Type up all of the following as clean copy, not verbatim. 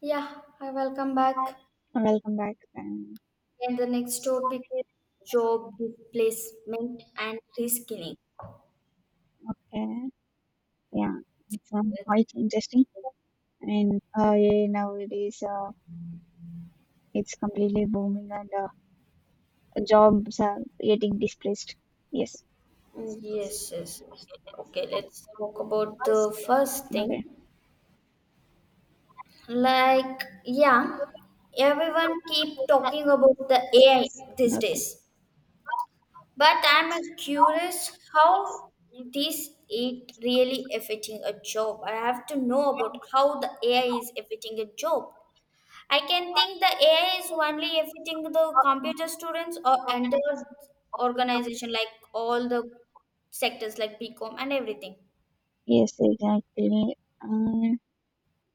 Yeah, I welcome back. Welcome back. And the next topic is job displacement and reskilling. uh, yeah, from quite interesting. Nowadays, it's completely booming, and jobs are getting displaced. Yes. Mm, yes, yes, yes. Okay, let's talk about the first thing. Okay. Like, yeah, everyone keep talking about the AI these days. But I'm curious how this it really affecting a job. I have to know about how the AI is affecting a job. I can think the AI is only affecting the computer students or Okay. entire organization, like all the sectors, like BCom and everything. Yes, exactly. Uh,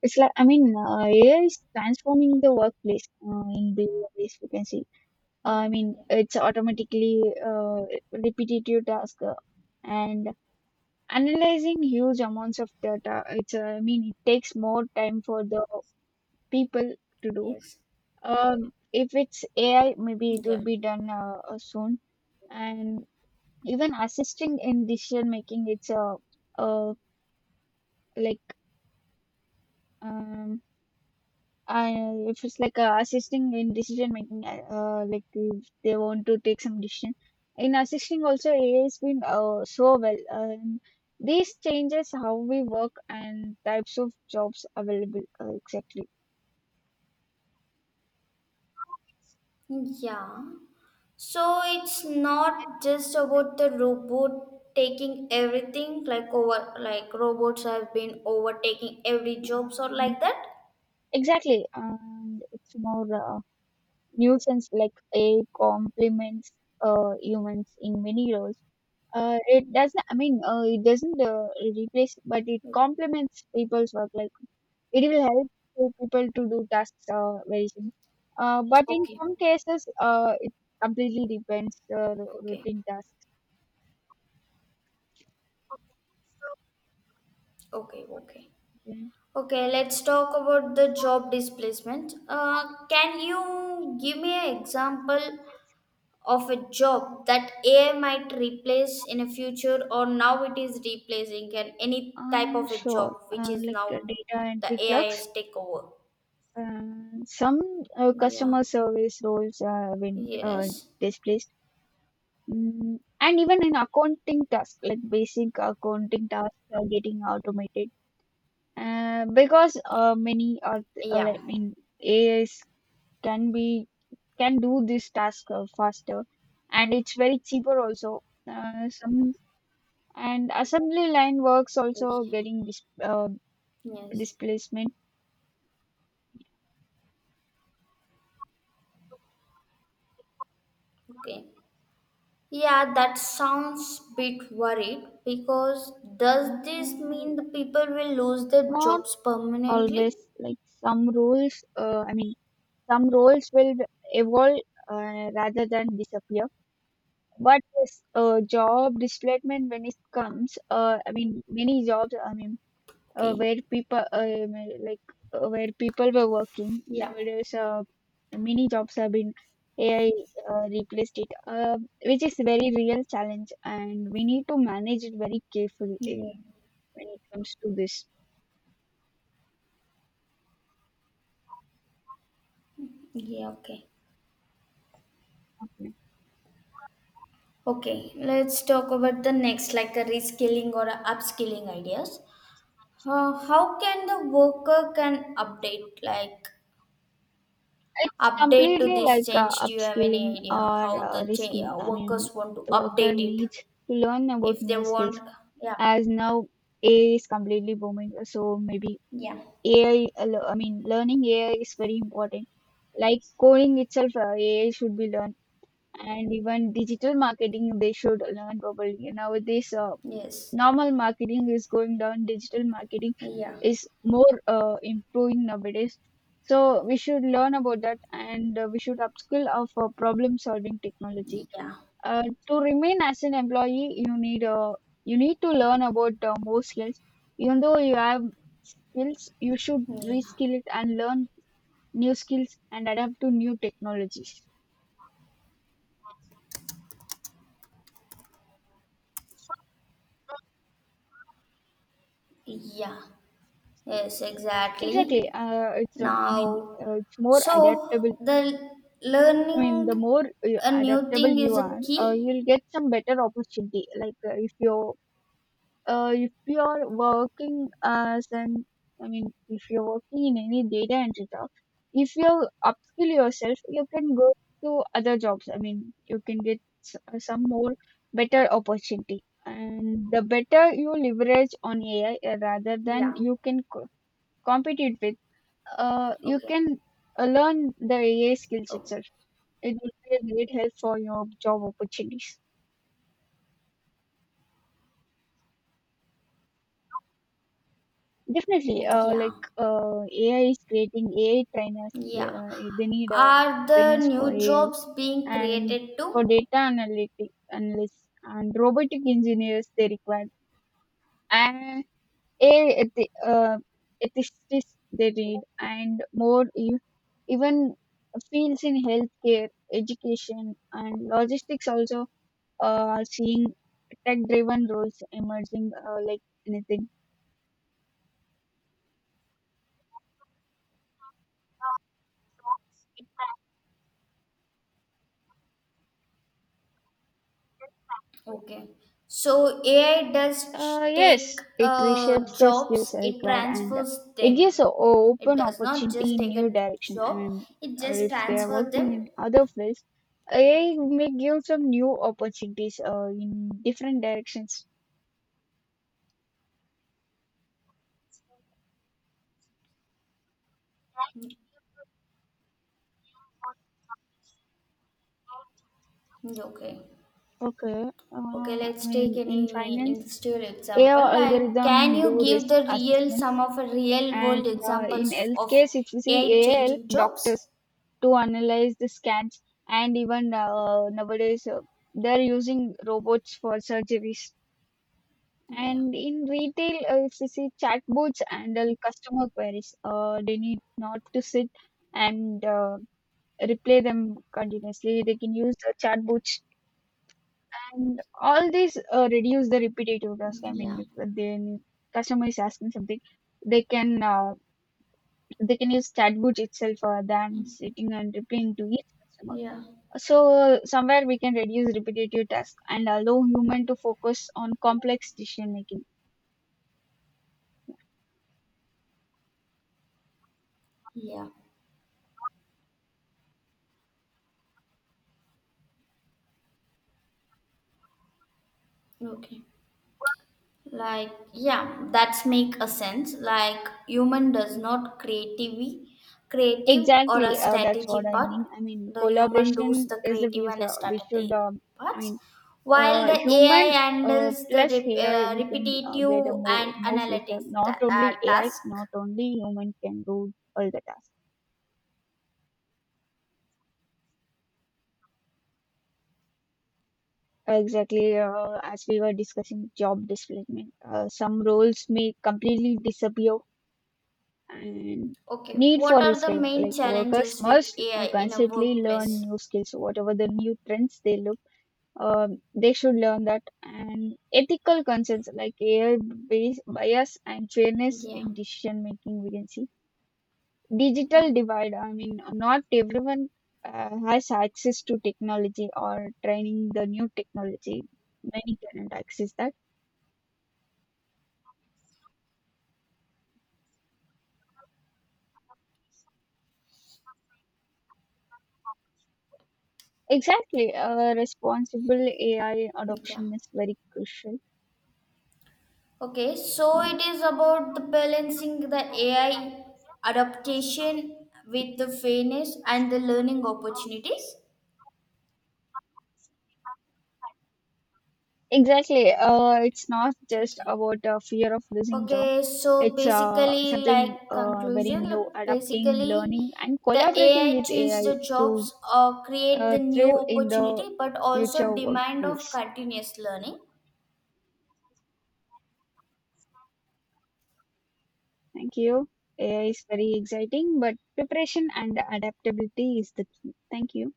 It's like I mean, AI is transforming the workplace in the ways we can see. Mm, yeah. It's automatically repetitive task and analyzing huge amounts of data. It takes more time for the people to do. Yes. If it's AI, maybe it Yeah. would be done soon, and even assisting in decision making. It's a uh, uh, like. Um, and if it's assisting in decision making, like if they want to take some decision in assisting also, ai has been so well. These changes how we work and types of jobs available, exactly. Yeah. So it's not just about the robot taking everything, like over, like robots have been overtaking every jobs or um, like that. exactly, and it's more, nuisance, like ai complements humans in many roles. It doesn't, I mean, it doesn't replace, but it complements people's work. Like it will help to people to do tasks very soon. But in Okay. some cases, it completely depends Okay. routine task. Okay. Okay. Yeah. Okay, let's talk about the job displacement. Can you give me an example of a job that AI might replace in a future or now it is replacing and any type of a Sure. job which is now Data the entry AI clerks, is take over? uh, some Yeah. customer service roles have been Yes. displaced. Mm, and even in accounting tasks, like basic accounting tasks are getting automated because many are, uh, Yeah. like, I mean AIs can be can do this task faster, and it's very cheaper also. Some and Assembly line works also Yeah. getting Yes. displacement. Okay. Yeah, that sounds bit worried because does this Uh, mean the people will lose their Not jobs permanently? always, like some roles. Some roles will evolve rather than disappear. But yes, job displacement, when it comes, I mean, many jobs, I mean, Okay. where people, may- like where people were working Yeah. nowadays, many jobs have been AI replaced it, which is very real challenge, and we need to manage it very carefully Yeah. when it comes to this. Yeah. Okay. Okay. Okay. Let's talk about the next, like a reskilling or a upskilling ideas. How can the worker can update, like It's update to completely this change? Do you have any upskilling idea or how the change, reskilling. Workers want to The worker update it? needs to learn about If they new want, skills yeah, as now AI is completely booming. So maybe yeah, AI, learning AI is very important. Like coding itself, AI should be learned, and even digital marketing they should learn properly. Nowadays, yes, normal marketing is going down. Digital marketing yeah, is more improving nowadays. So we should learn about that, and we should upskill of problem solving technology. yeah, To remain as an employee, you need to learn about more skills. Even though you have skills, you should reskill it and learn new skills and adapt to new technologies. yeah, yeah. Yes, Exactly. exactly. Now It's more adaptable. so, the The learning more a new adaptable thing you is a are, key? you'll get some better opportunity. If you're working as an, if you're working in any data entry job, if you upskill yourself, you can go to other jobs. You can get some more better opportunity, and the better you leverage on ai, rather than Yeah. you can co- compete it with. You Okay. can Learn the ai skills Oh, itself, it will be a great help for your job opportunities. Definitely, yeah. AI is creating AI trainers. Yeah. They need Are the Trainers for new AI jobs being and created for too? data analytic analysts and robotic engineers. They require, and AI ethicists they need, and more e- even fields in healthcare, education, and logistics also are seeing tech-driven roles emerging, anything. Okay. So, AI does take Yes, it reshapes the skills jobs, it required, and transfers it gives them. a It open does not just opportunity in take new a direction. Job, it just If they are transfers working them. in other fields, AI may give some new opportunities in different directions. Okay. Okay. Okay, let's take In any finance, industrial example. AI Like, can algorithm you do give risk the real some assessments. of a real And world in examples health of case, if you see AI AI help changing jobs? doctors to analyze the scans, and even nowadays they're using robots for surgeries. Yeah, And in retail, if you see chatbots handle customer queries, they need not to sit and replay them continuously. They can use the chatbots, and all these reduce the repetitive task. Yeah, If the customer is asking something, they can. Uh, they can use chatbot itself than sitting and replying to each customer. yeah, So somewhere we can reduce repetitive tasks and allow human to focus on complex decision making. yeah, okay. Like, yeah, that's make a sense, like human does not creativity creative or a Exactly, that's strategy what I part, mean. The human does Collaboration the is the creative and future. We strategy should, I parts mean, while the AI Human handles the plus AI, we can uh, repetitive get a and more more future. analytics Not only AI, task. not only human can do all the tasks. Exactly, as we were discussing job displacement, some roles may completely disappear and Okay, need what for are the reskilling. main Like workers challenges with must AI in a constantly learn workplace? new skills, whatever the new trends they look, they should learn that. And ethical concerns like AI based bias and fairness Yeah, in decision making, we can see digital divide. Not everyone has access to technology or training the new technology. Many cannot access that. Exactly. Responsible AI yeah. adoption is very crucial. Okay, so Yeah. it is about the balancing the AI adaptation with the fairness and the learning opportunities. Exactly. It's not just Okay. about a fear of losing job. Okay, so It's uh, basically, something like uh, very conclusion, new, like adapting, basically, learning, and the collaborating AI with change AI the to jobs or create the thrive new in the opportunity, but future also demand of workplace. continuous learning. Thank you. AI is very exciting, but preparation and adaptability is the key. Thank you.